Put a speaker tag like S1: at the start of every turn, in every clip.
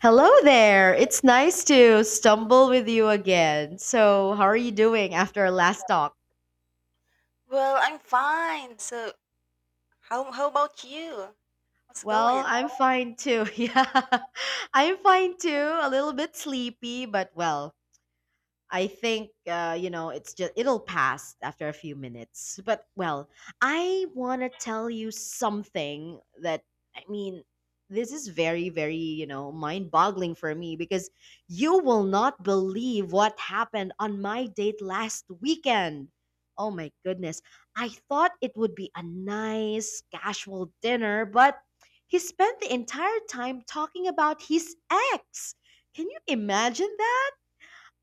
S1: Hello there. It's nice to stumble with you again. So, how are you doing after our last talk?
S2: Well, I'm fine. So, how about you? How's it
S1: Well,
S2: going?
S1: I'm fine too. Yeah. I'm fine too. A little bit sleepy, but well, I think it's just it'll pass after a few minutes. But well, I want to tell you something that I mean this is very mind-boggling for me because you will not believe what happened on my date last weekend. Oh my goodness. I thought it would be a nice casual dinner, but he spent the entire time talking about his ex. Can you imagine?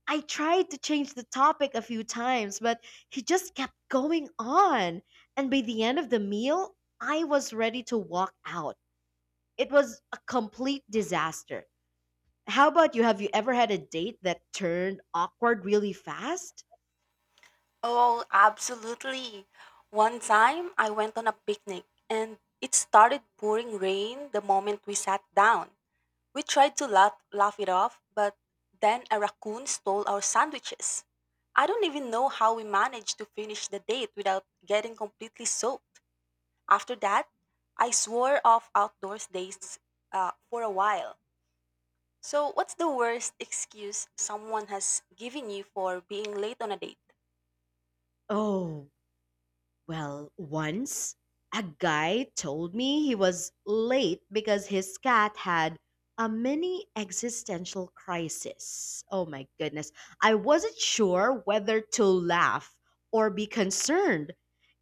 S1: I tried to change the topic a few times, but he just kept going on. And by the end of the meal, I was ready to walk out. It was a complete disaster. How about you? Have you ever had a date that turned awkward really fast?
S2: Oh, absolutely. One time I went on a picnic and it started pouring rain the moment we sat down. We tried to laugh it off, but then a raccoon stole our sandwiches. I don't even know how we managed to finish the date without getting completely soaked. After that, I swore off outdoors days for a while. So, what's the worst excuse someone has given you for being late on a date?
S1: Oh, well, once a guy told me he was late because his cat had a mini existential crisis. Oh my goodness. I wasn't sure whether to laugh or be concerned.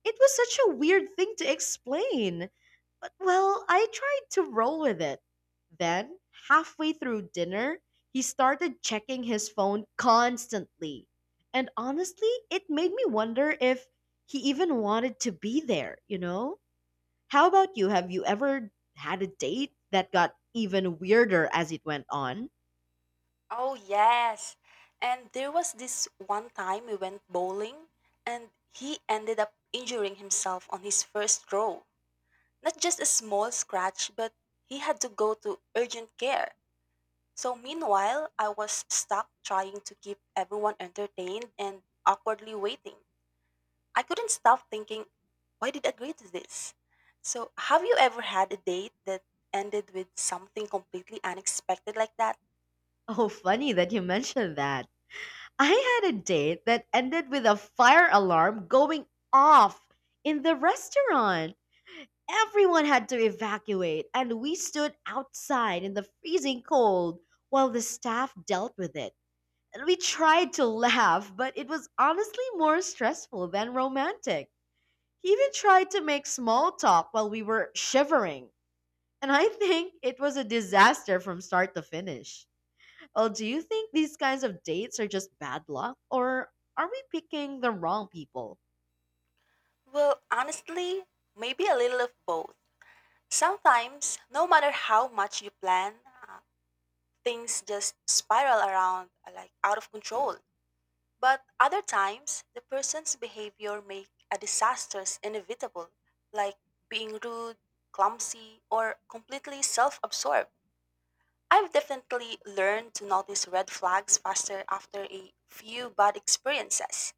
S1: It was such a weird thing to explain. But well, I tried to roll with it. Then, halfway through dinner, he started checking his phone constantly. And honestly, it made me wonder if he even wanted to be there, you know? How about you? Have you ever had a date that got even weirder as it went on?
S2: Oh, yes. And there was this one time we went bowling and he ended up injuring himself on his first throw. Not just a small scratch, but he had to go to urgent care. So, meanwhile, I was stuck trying to keep everyone entertained and awkwardly waiting. I couldn't stop thinking, why did I agree to this? So, have you ever had a date that ended with something completely unexpected like that?
S1: Oh, funny that you mentioned that. I had a date that ended with a fire alarm going off in the restaurant. Everyone had to evacuate, and we stood outside in the freezing cold while the staff dealt with it. And we tried to laugh, but it was honestly more stressful than romantic. He even tried to make small talk while we were shivering. And I think it was a disaster from start to finish. Well, do you think these kinds of dates are just bad luck, or are we picking the wrong people?
S2: Well, honestly, maybe a little of both. Sometimes, no matter how much you plan, uh, things just spiral around like out of control. But other times, the person's behavior make a disasters inevitable, like being rude, clumsy, or completely self-absorbed. I've definitely learned to notice red flags faster after a few bad experiences.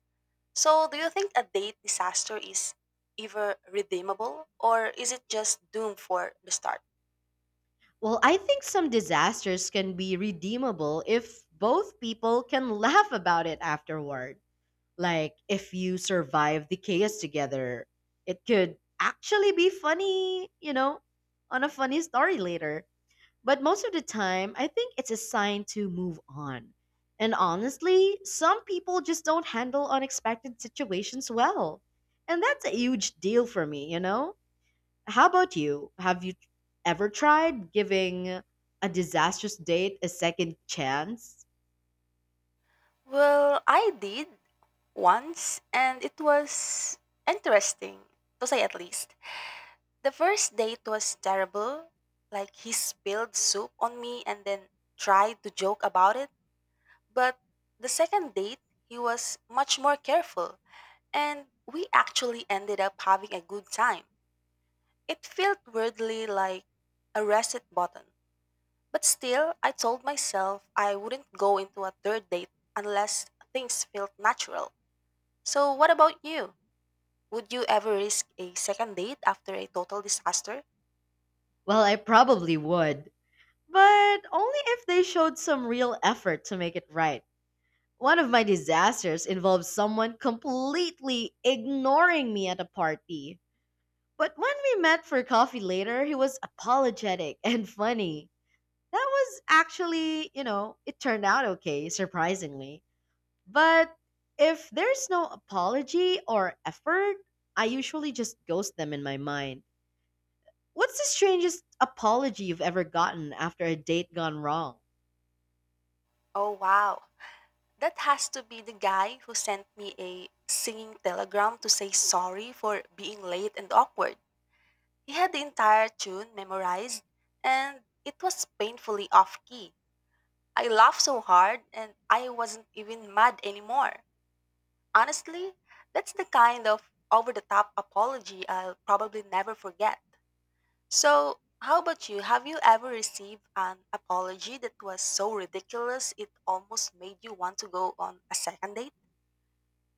S2: So, do you think a date disaster is ever redeemable or is it just doomed for the start?
S1: Well, I think some disasters can be redeemable if both people can laugh about it afterward. Like, if you survive the chaos together, it could actually be funny, you know, on a funny story later. But most of the time, I think it's a sign to move on. And honestly, some people just don't handle unexpected situations well. And that's a huge deal for me, you know? How about you? Have you ever tried giving a disastrous date a second chance?
S2: Well, I did once and it was interesting, to say at least. The first date was terrible. Like, he spilled soup on me and then tried to joke about it. But the second date, he was much more careful. And we actually ended up having a good time. It felt weirdly like a reset button. But still, I told myself I wouldn't go into a third date unless things felt natural. So, what about you? Would you ever risk a second date after a total disaster?
S1: Well, I probably would, but only if they showed some real effort to make it right. One of my disasters involved someone completely ignoring me at a party. But when we met for coffee later, he was apologetic and funny. That was actually, you know, it turned out okay, surprisingly. But if there's no apology or effort, I usually just ghost them in my mind. What's the strangest apology you've ever gotten after a date gone wrong?
S2: Oh, wow. That has to be the guy who sent me a singing telegram to say sorry for being late and awkward. He had the entire tune memorized, and it was painfully off key. I laughed so hard, and I wasn't even mad anymore. Honestly, that's the kind of over the top apology I'll probably never forget. So, how about you? Have you ever received an apology that was so ridiculous it almost made you want to go on a second date?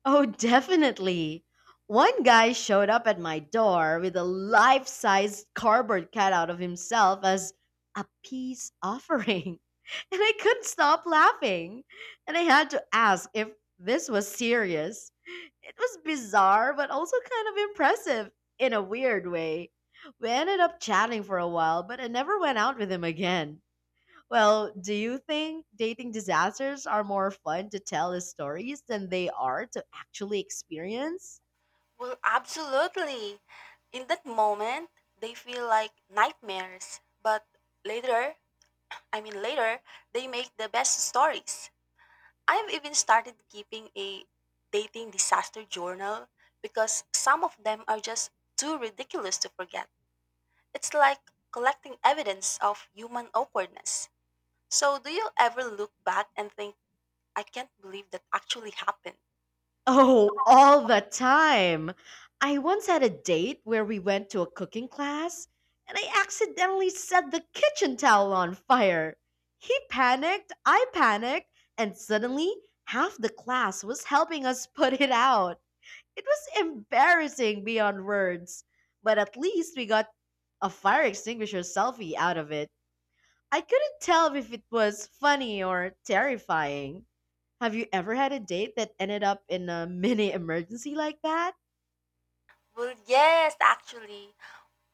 S1: Oh, definitely. One guy showed up at my door with a life sized cardboard cutout of himself as a peace offering. And I couldn't stop laughing. And I had to ask if this was serious. It was bizarre, but also kind of impressive in a weird way. We ended up chatting for a while, but I never went out with him again. Well, do you think dating disasters are more fun to tell as stories than they are to actually experience?
S2: Well, absolutely. In that moment, they feel like nightmares, but later, later, they make the best stories. I've even started keeping a dating disaster journal because some of them are just too ridiculous to forget. It's like collecting evidence of human awkwardness. So, do you ever look back and think, I can't believe that actually happened?
S1: Oh, all the time. I once had a date where we went to a cooking class and I accidentally set the kitchen towel on fire. He panicked, I panicked, and suddenly half the class was helping us put it out. It was embarrassing beyond words, but at least we got a fire extinguisher selfie out of it. I couldn't tell if it was funny or terrifying. Have you ever had a date that ended up in a mini emergency like that?
S2: Well, yes, actually.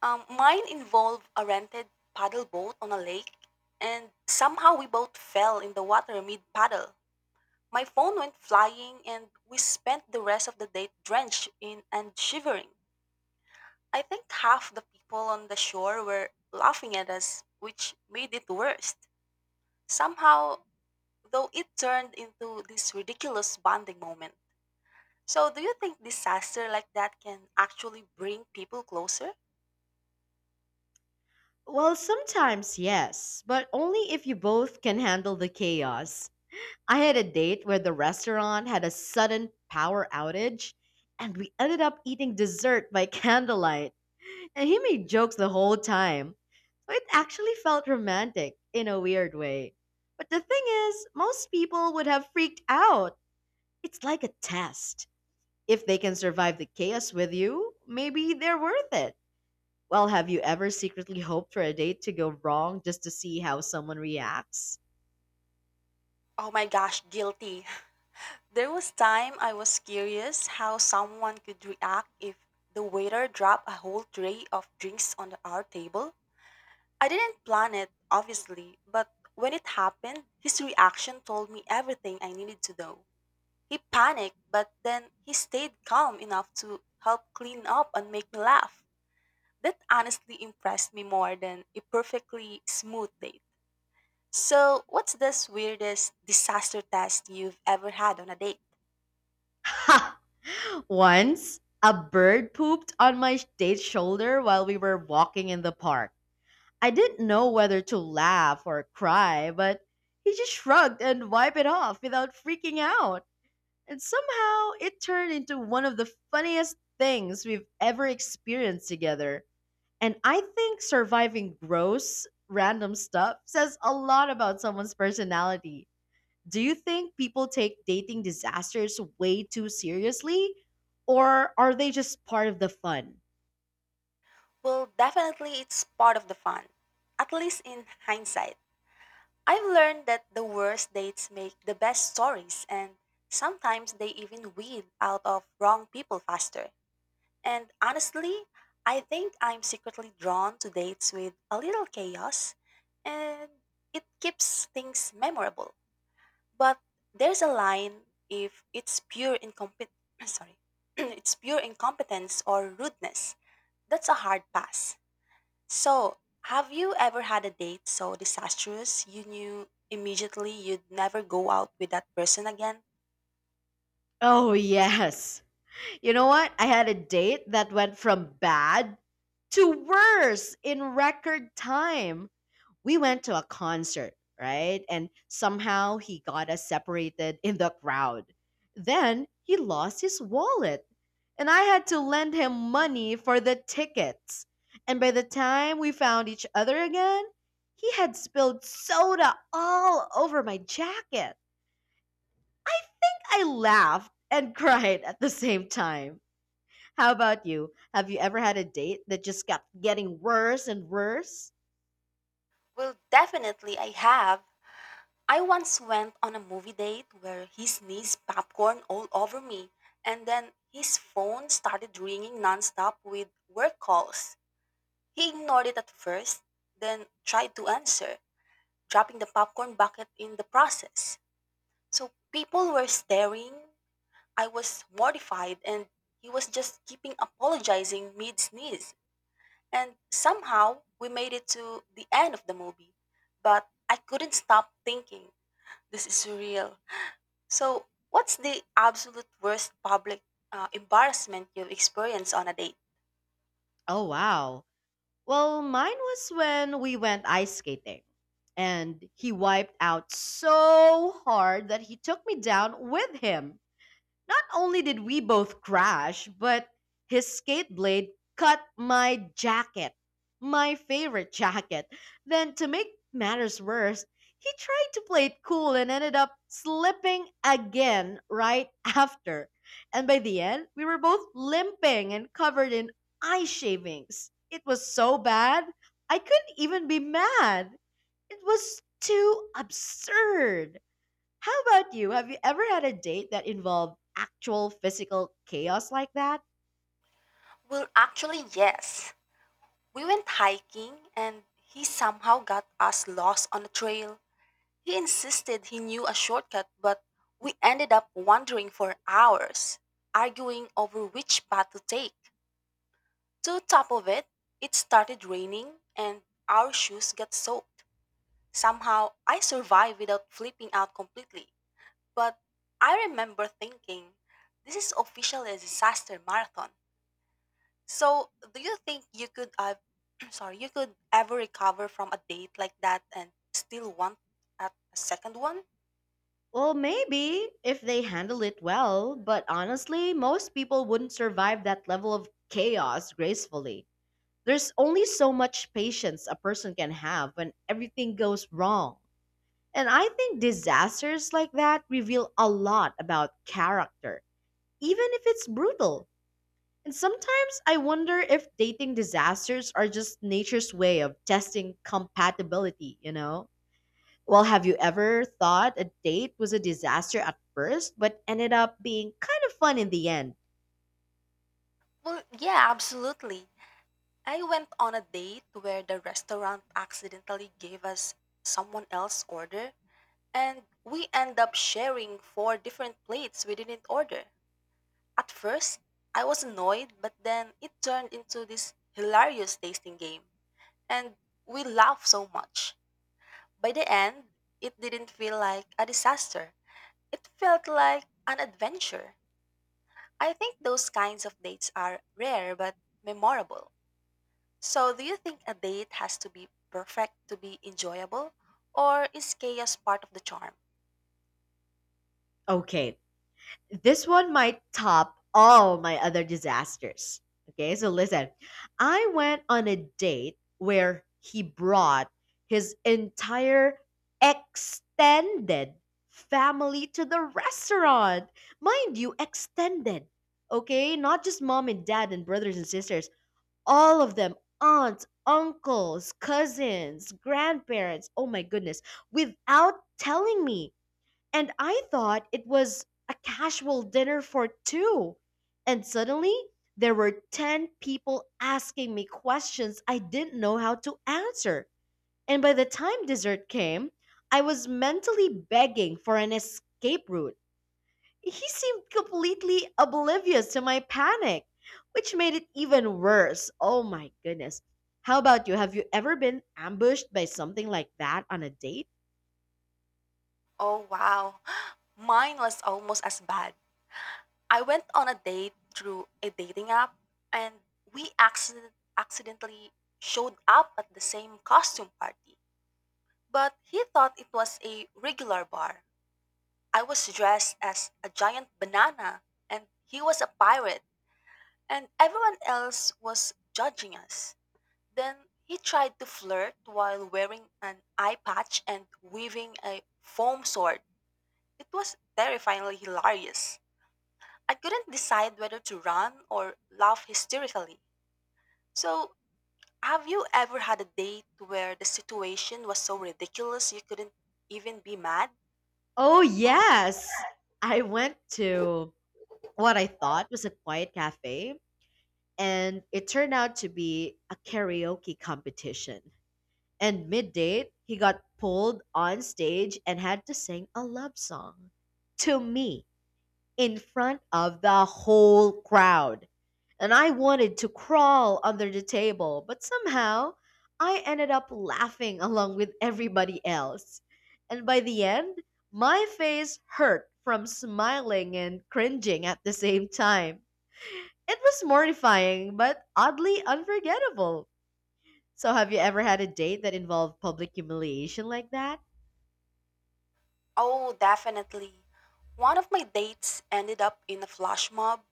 S2: Mine involved a rented paddle boat on a lake, and somehow we both fell in the water mid paddle. My phone went flying, and we spent the rest of the day drenched in and shivering. I think half the people on the shore were laughing at us, which made it worse. Somehow, though, it turned into this ridiculous bonding moment. So, do you think disaster like that can actually bring people closer?
S1: Well, sometimes yes, but only if you both can handle the chaos. I had a date where the restaurant had a sudden power outage, and we ended up eating dessert by candlelight, and he made jokes the whole time. So it actually felt romantic in a weird way. But the thing is, most people would have freaked out. It's like a test. If they can survive the chaos with you, maybe they're worth it. Well, have you ever secretly hoped for a date to go wrong just to see how someone reacts?
S2: Oh my gosh, guilty. There was time I was curious how someone could react if the waiter dropped a whole tray of drinks on our table. I didn't plan it, obviously, but when it happened, his reaction told me everything I needed to know. He panicked, but then he stayed calm enough to help clean up and make me laugh. That honestly impressed me more than a perfectly smooth date. So, what's this weirdest disaster test you've ever had on a date?
S1: Ha! Once, a bird pooped on my date's shoulder while we were walking in the park. I didn't know whether to laugh or cry, but he just shrugged and wiped it off without freaking out. And somehow it turned into one of the funniest things we've ever experienced together. And I think surviving gross, random stuff says a lot about someone's personality. Do you think people take dating disasters way too seriously? Or are they just part of the fun?
S2: Well, definitely it's part of the fun, at least in hindsight. I've learned that the worst dates make the best stories, and sometimes they even weed out of wrong people faster. And honestly, I think I'm secretly drawn to dates with a little chaos, and it keeps things memorable. But there's a line if it's pure incompet sorry, it's pure incompetence or rudeness. That's a hard pass. So, have you ever had a date so disastrous you knew immediately you'd never go out with that person again?
S1: Oh, yes. You know what? I had a date that went from bad to worse in record time. We went to a concert, right? And somehow he got us separated in the crowd. Then he lost his wallet, and I had to lend him money for the tickets. And by the time we found each other again, he had spilled soda all over my jacket. I laughed and cried at the same time. How about you? Have you ever had a date that just kept getting worse and worse?
S2: Well, definitely I have. I once went on a movie date where he sneezed popcorn all over me, and then his phone started ringing nonstop with work calls. He ignored it at first, then tried to answer, dropping the popcorn bucket in the process. So people were staring, I was mortified and he was just keeping apologizing mid sneeze. And somehow we made it to the end of the movie. But I couldn't stop thinking, this is surreal. So, what's the absolute worst public embarrassment you've experienced on a date?
S1: Oh, wow. Well, mine was when we went ice skating and he wiped out so hard that he took me down with him. Not only did we both crash, but his skate blade cut my jacket, my favorite jacket. Then, to make matters worse, he tried to play it cool and ended up slipping again right after. And by the end, we were both limping and covered in eye shavings. It was so bad, I couldn't even be mad. It was too absurd. How about you? Have you ever had a date that involved actual physical chaos like that?
S2: Well, actually, yes. We went hiking and he somehow got us lost on a trail. He insisted he knew a shortcut, but we ended up wandering for hours, arguing over which path to take. To top of it, it started raining and our shoes got soaked. Somehow, I survived without flipping out completely. But I remember thinking, this is officially a disaster marathon. So, do you think you could, sorry, you could ever recover from a date like that and still want a second one?
S1: Well, maybe if they handle it well, but honestly, most people wouldn't survive that level of chaos gracefully. There's only so much patience a person can have when everything goes wrong. And I think disasters like that reveal a lot about character, even if it's brutal. And sometimes I wonder if dating disasters are just nature's way of testing compatibility, you know? Well, have you ever thought a date was a disaster at first, but ended up being kind of fun in the end?
S2: Well, yeah, absolutely. I went on a date where the restaurant accidentally gave us someone else's order, and we end up sharing four different plates we didn't order. At first, I was annoyed, but then it turned into this hilarious tasting game, and we laughed so much. By the end, it didn't feel like a disaster. It felt like an adventure. I think those kinds of dates are rare but memorable. So, do you think a date has to be perfect to be enjoyable? Or is chaos part of the charm?
S1: Okay, this one might top all my other disasters. Okay, so listen. I went on a date where he brought his entire extended family to the restaurant. Mind you, extended. Okay, not just mom and dad and brothers and sisters, all of them, aunts, uncles, cousins, grandparents. Oh my goodness, without telling me. And I thought it was a casual dinner for two. And suddenly, there were 10 people asking me questions I didn't know how to answer. And by the time dessert came, I was mentally begging for an escape route. He seemed completely oblivious to my panic, which made it even worse. Oh my goodness. How about you? Have you ever been ambushed by something like that on a date?
S2: Oh, wow. Mine was almost as bad. I went on a date through a dating app and we accidentally showed up at the same costume party. But he thought it was a regular bar. I was dressed as a giant banana and he was a pirate, and everyone else was judging us. Then he tried to flirt while wearing an eye patch and wielding a foam sword. It was terrifyingly hilarious. I couldn't decide whether to run or laugh hysterically. So, have you ever had a date where the situation was so ridiculous you couldn't even be mad?
S1: Oh, yes. I went to what I thought was a quiet cafe, and it turned out to be a karaoke competition. And mid date, he got pulled on stage and had to sing a love song to me in front of the whole crowd. And I wanted to crawl under the table, but somehow I ended up laughing along with everybody else. And by the end, my face hurt from smiling and cringing at the same time. It was mortifying, but oddly unforgettable. So, have you ever had a date that involved public humiliation like that?
S2: Oh, definitely. One of my dates ended up in a flash mob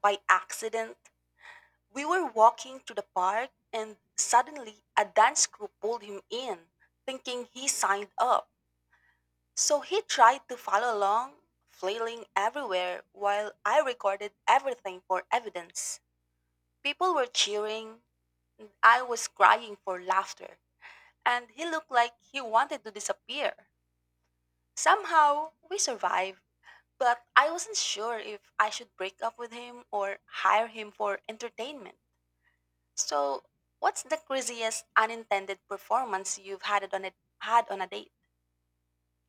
S2: by accident. We were walking to the park and suddenly a dance group pulled him in, thinking he signed up. So he tried to follow along, flailing everywhere while I recorded everything for evidence. People were cheering, I was crying for laughter, and he looked like he wanted to disappear. Somehow, we survived, but I wasn't sure if I should break up with him or hire him for entertainment. So, what's the craziest unintended performance you've had on a date?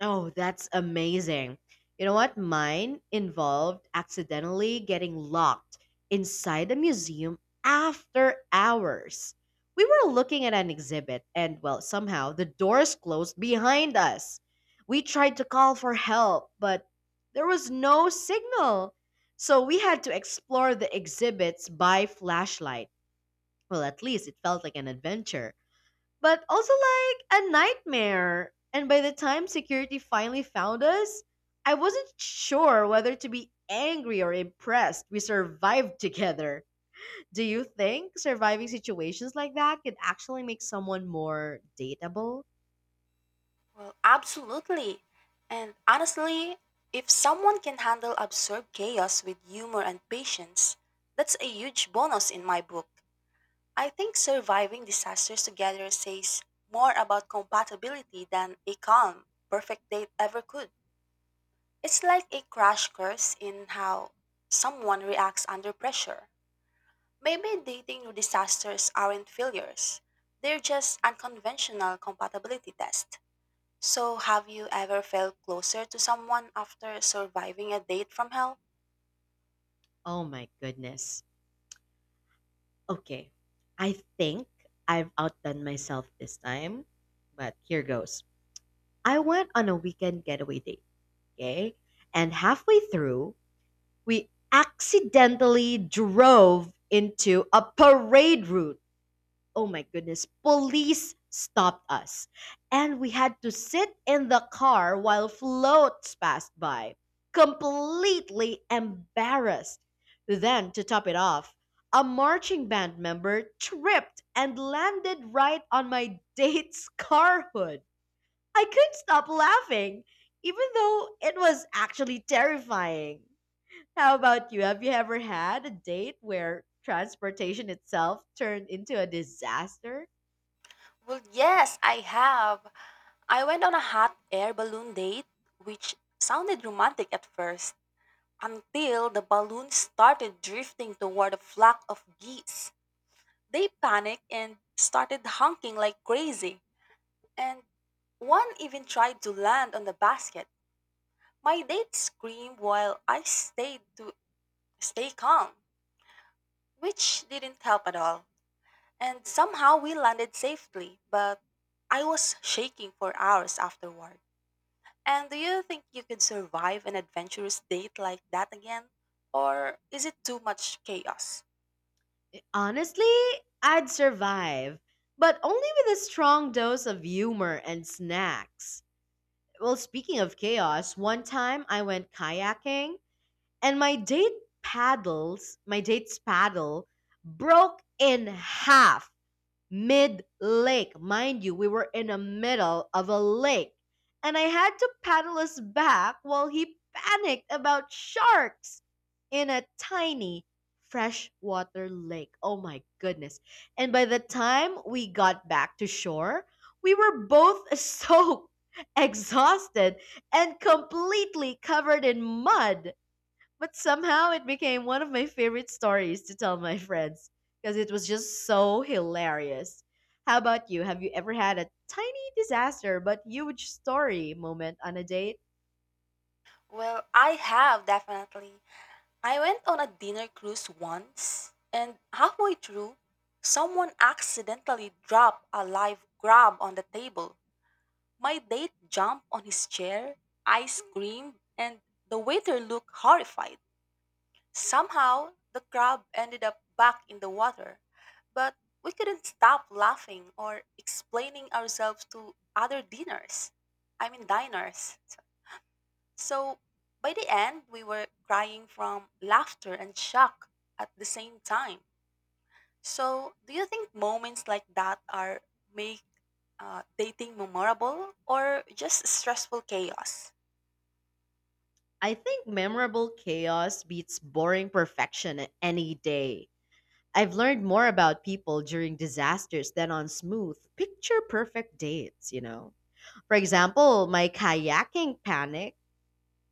S1: Oh, that's amazing. You know what? Mine involved accidentally getting locked inside a museum after hours. We were looking at an exhibit, and well, somehow the doors closed behind us. We tried to call for help, but there was no signal. So we had to explore the exhibits by flashlight. Well, at least it felt like an adventure but also like a nightmare. And by the time security finally found us, I wasn't sure whether to be angry or impressed. We survived together. Do you think surviving situations like that could actually make someone more dateable?
S2: Well, absolutely. And honestly, if someone can handle absurd chaos with humor and patience, that's a huge bonus in my book. I think surviving disasters together says more about compatibility than a calm, perfect date ever could. It's like a crash course in how someone reacts under pressure. Maybe dating disasters aren't failures. They're just unconventional compatibility tests. So, have you ever felt closer to someone after surviving a date from hell?
S1: Oh my goodness. Okay. I think I've outdone myself this time, but here goes. I went on a weekend getaway date, okay? And halfway through, we accidentally drove into a parade route. Oh my goodness. Police stopped us. And we had to sit in the car while floats passed by, completely embarrassed. Then, to top it off, a marching band member tripped and landed right on my date's car hood. I couldn't stop laughing, even though it was actually terrifying. How about you? Have you ever had a date where transportation itself turned into a disaster?
S2: Well, yes, I have. I went on a hot air balloon date, which sounded romantic at first, until the balloon started drifting toward a flock of geese. They panicked and started honking like crazy, and one even tried to land on the basket. My date screamed while I stayed to stay calm, which didn't help at all. And somehow we landed safely, but I was shaking for hours afterward. And do you think you could survive an adventurous date like that again? Or is it too much chaos?
S1: Honestly, I'd survive, but only with a strong dose of humor and snacks. Well, speaking of chaos, one time I went kayaking and my date's paddle broke in half. Mid lake. Mind you, we were in the middle of a lake. And I had to paddle us back while he panicked about sharks in a tiny freshwater lake. Oh my goodness. And by the time we got back to shore, we were both soaked, exhausted, and completely covered in mud. But somehow it became one of my favorite stories to tell my friends because it was just so hilarious. How about you? Have you ever had a tiny disaster but huge story moment on a date?
S2: Well, I have definitely. I went on a dinner cruise once, and halfway through, someone accidentally dropped a live crab on the table. My date jumped on his chair, I screamed, and the waiter looked horrified. Somehow, the crab ended up back in the water, but we couldn't stop laughing or explaining ourselves to other diners. So, by the end, we were crying from laughter and shock at the same time. So, do you think moments like that are make dating memorable or just stressful chaos?
S1: I think memorable chaos beats boring perfection any day. I've learned more about people during disasters than on smooth, picture perfect dates, you know. For example, my kayaking panic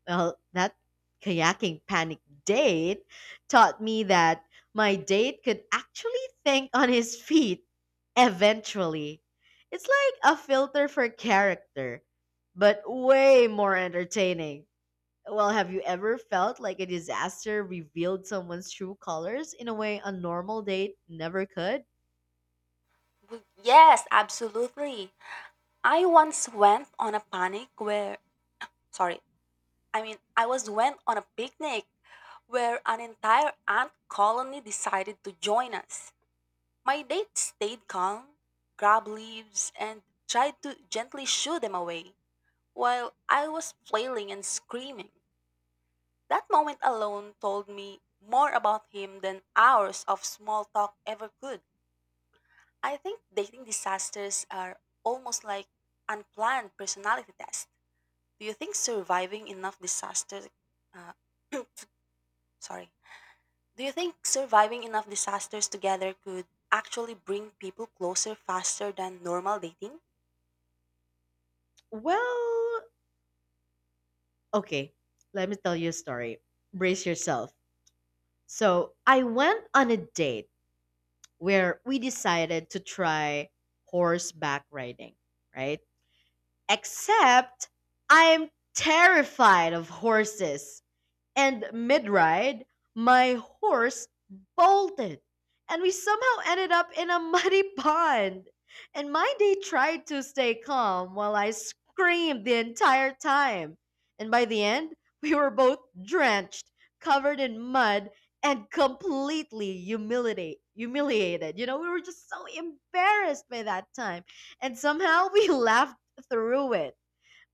S1: Well, that kayaking panic date taught me that my date could actually think on his feet eventually. It's like a filter for character, but way more entertaining. Well, have you ever felt like a disaster revealed someone's true colors in a way a normal date never could?
S2: Yes, absolutely. I once went on a panic where, sorry, I mean, I was went on a picnic where an entire ant colony decided to join us. My date stayed calm, grabbed leaves, and tried to gently shoo them away while I was flailing and screaming. That moment alone told me more about him than hours of small talk ever could. I think dating disasters are almost like unplanned personality tests. Do you think surviving enough disasters, uh, sorry, do you think surviving enough disasters together could actually bring people closer faster than normal dating?
S1: Well, okay, let me tell you a story. Brace yourself. So, I went on a date where we decided to try horseback riding, right? Except I'm terrified of horses. And mid ride, my horse bolted, and we somehow ended up in a muddy pond. And my date tried to stay calm while I screamed the entire time. And by the end, we were both drenched, covered in mud, and completely humiliated. You know, we were just so embarrassed by that time. And somehow we laughed through it.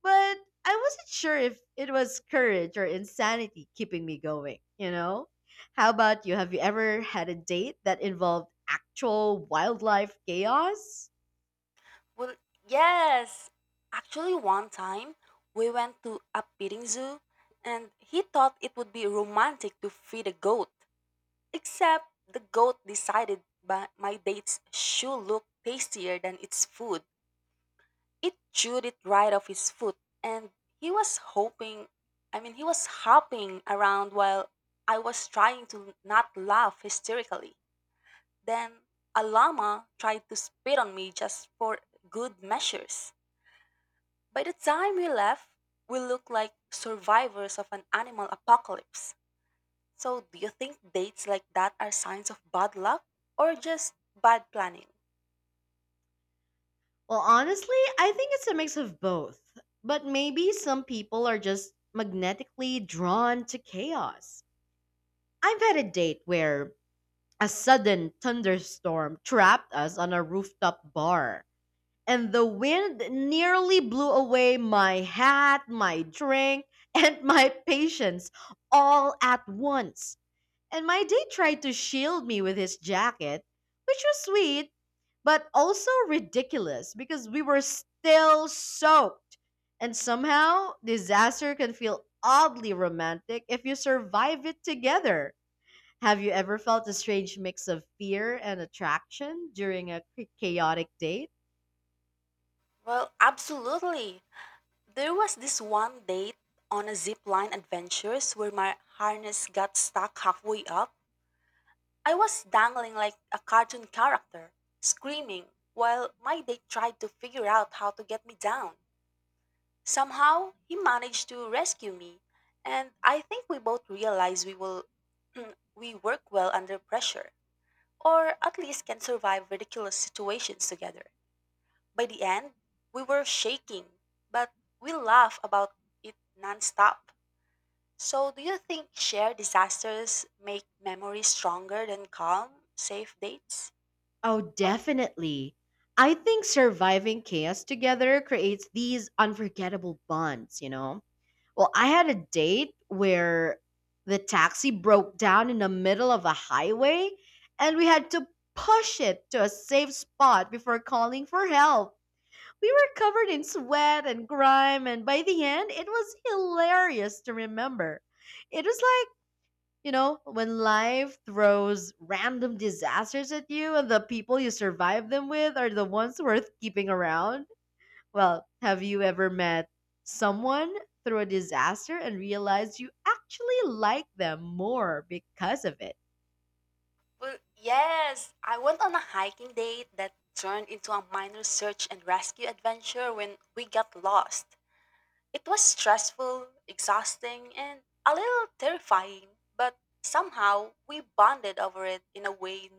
S1: But I wasn't sure if it was courage or insanity keeping me going, you know? How about you? Have you ever had a date that involved actual wildlife chaos?
S2: Well, yes. Actually, one time we went to a petting zoo, and he thought it would be romantic to feed a goat. Except the goat decided by my date's shoe looked tastier than its food. It chewed it right off his foot, and he was hoping, he was hopping around while I was trying to not laugh hysterically. Then a llama tried to spit on me just for good measures. By the time we left, we looked like survivors of an animal apocalypse. So, do you think dates like that are signs of bad luck or just bad planning?
S1: Well, honestly, I think it's a mix of both. But maybe some people are just magnetically drawn to chaos. I've had a date where a sudden thunderstorm trapped us on a rooftop bar and the wind nearly blew away my hat, my drink, and my patience all at once. And my date tried to shield me with his jacket, which was sweet, but also ridiculous because we were still soaked. And somehow, disaster can feel oddly romantic if you survive it together. Have you ever felt a strange mix of fear and attraction during a chaotic date?
S2: Well, absolutely. There was this one date on a zip line adventures where my harness got stuck halfway up. I was dangling like a cartoon character, screaming, while my date tried to figure out how to get me down. Somehow, he managed to rescue me, and I think we both realized we will we work well under pressure, or at least can survive ridiculous situations together. By the end, we were shaking, but we laugh about it nonstop. So, do you think shared disasters make memories stronger than calm, safe dates?
S1: Oh, definitely. I think surviving chaos together creates these unforgettable bonds, you know? Well, I had a date where the taxi broke down in the middle of a highway and we had to push it to a safe spot before calling for help. We were covered in sweat and grime, and by the end, it was hilarious to remember. It was like, you know, when life throws random disasters at you and the people you survive them with are the ones worth keeping around. Well, have you ever met someone through a disaster and realized you actually like them more because of it?
S2: Well, yes, I went on a hiking date that turned into a minor search and rescue adventure when we got lost. It was stressful, exhausting, and a little terrifying, but somehow we bonded over it in a way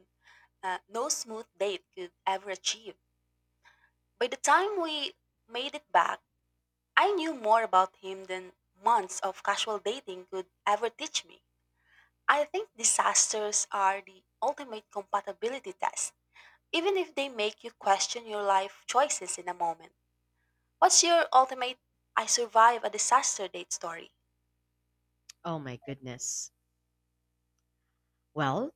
S2: no smooth date could ever achieve. By the time we made it back, I knew more about him than months of casual dating could ever teach me. I think disasters are the ultimate compatibility test, even if they make you question your life choices in a moment. What's your ultimate I survive a disaster date story?
S1: Oh my goodness. Well,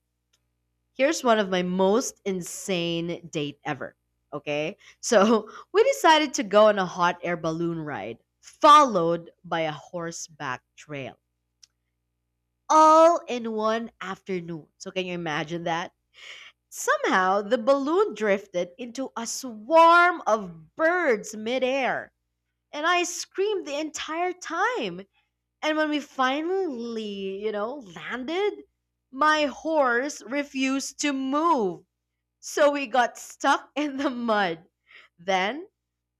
S1: here's one of my most insane date ever. Okay? So, we decided to go on a hot air balloon ride followed by a horseback trail, all in one afternoon. So, can you imagine that? Somehow, the balloon drifted into a swarm of birds midair, and I screamed the entire time. And when we finally, you know, landed, my horse refused to move. So we got stuck in the mud. Then,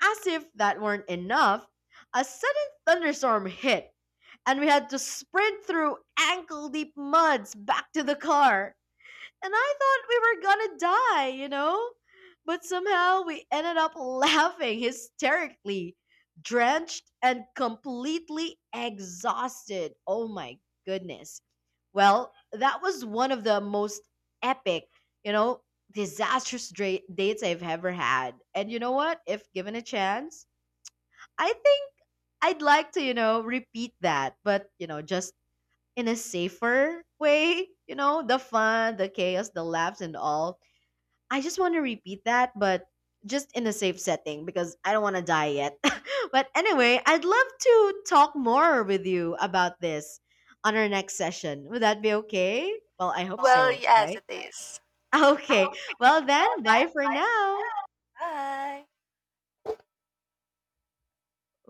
S1: as if that weren't enough, a sudden thunderstorm hit and we had to sprint through ankle deep muds back to the car. And I thought we were gonna die, you know? But somehow we ended up laughing hysterically, drenched and completely exhausted. Oh my goodness. Well, that was one of the most epic, you know, disastrous dates I've ever had. And you know what? If given a chance, I think I'd like to, you know, repeat that, but, you know, just in a safer way, you know, the fun, the chaos, the laughs, and all. I just want to repeat that, but just in a safe setting because I don't want to die yet. But anyway, I'd love to talk more with you about this on our next session. Would that be okay? Well, I hope
S2: Well,
S1: so,
S2: yes,
S1: right?
S2: it is.
S1: Okay. Well, then, bye for now.
S2: Bye.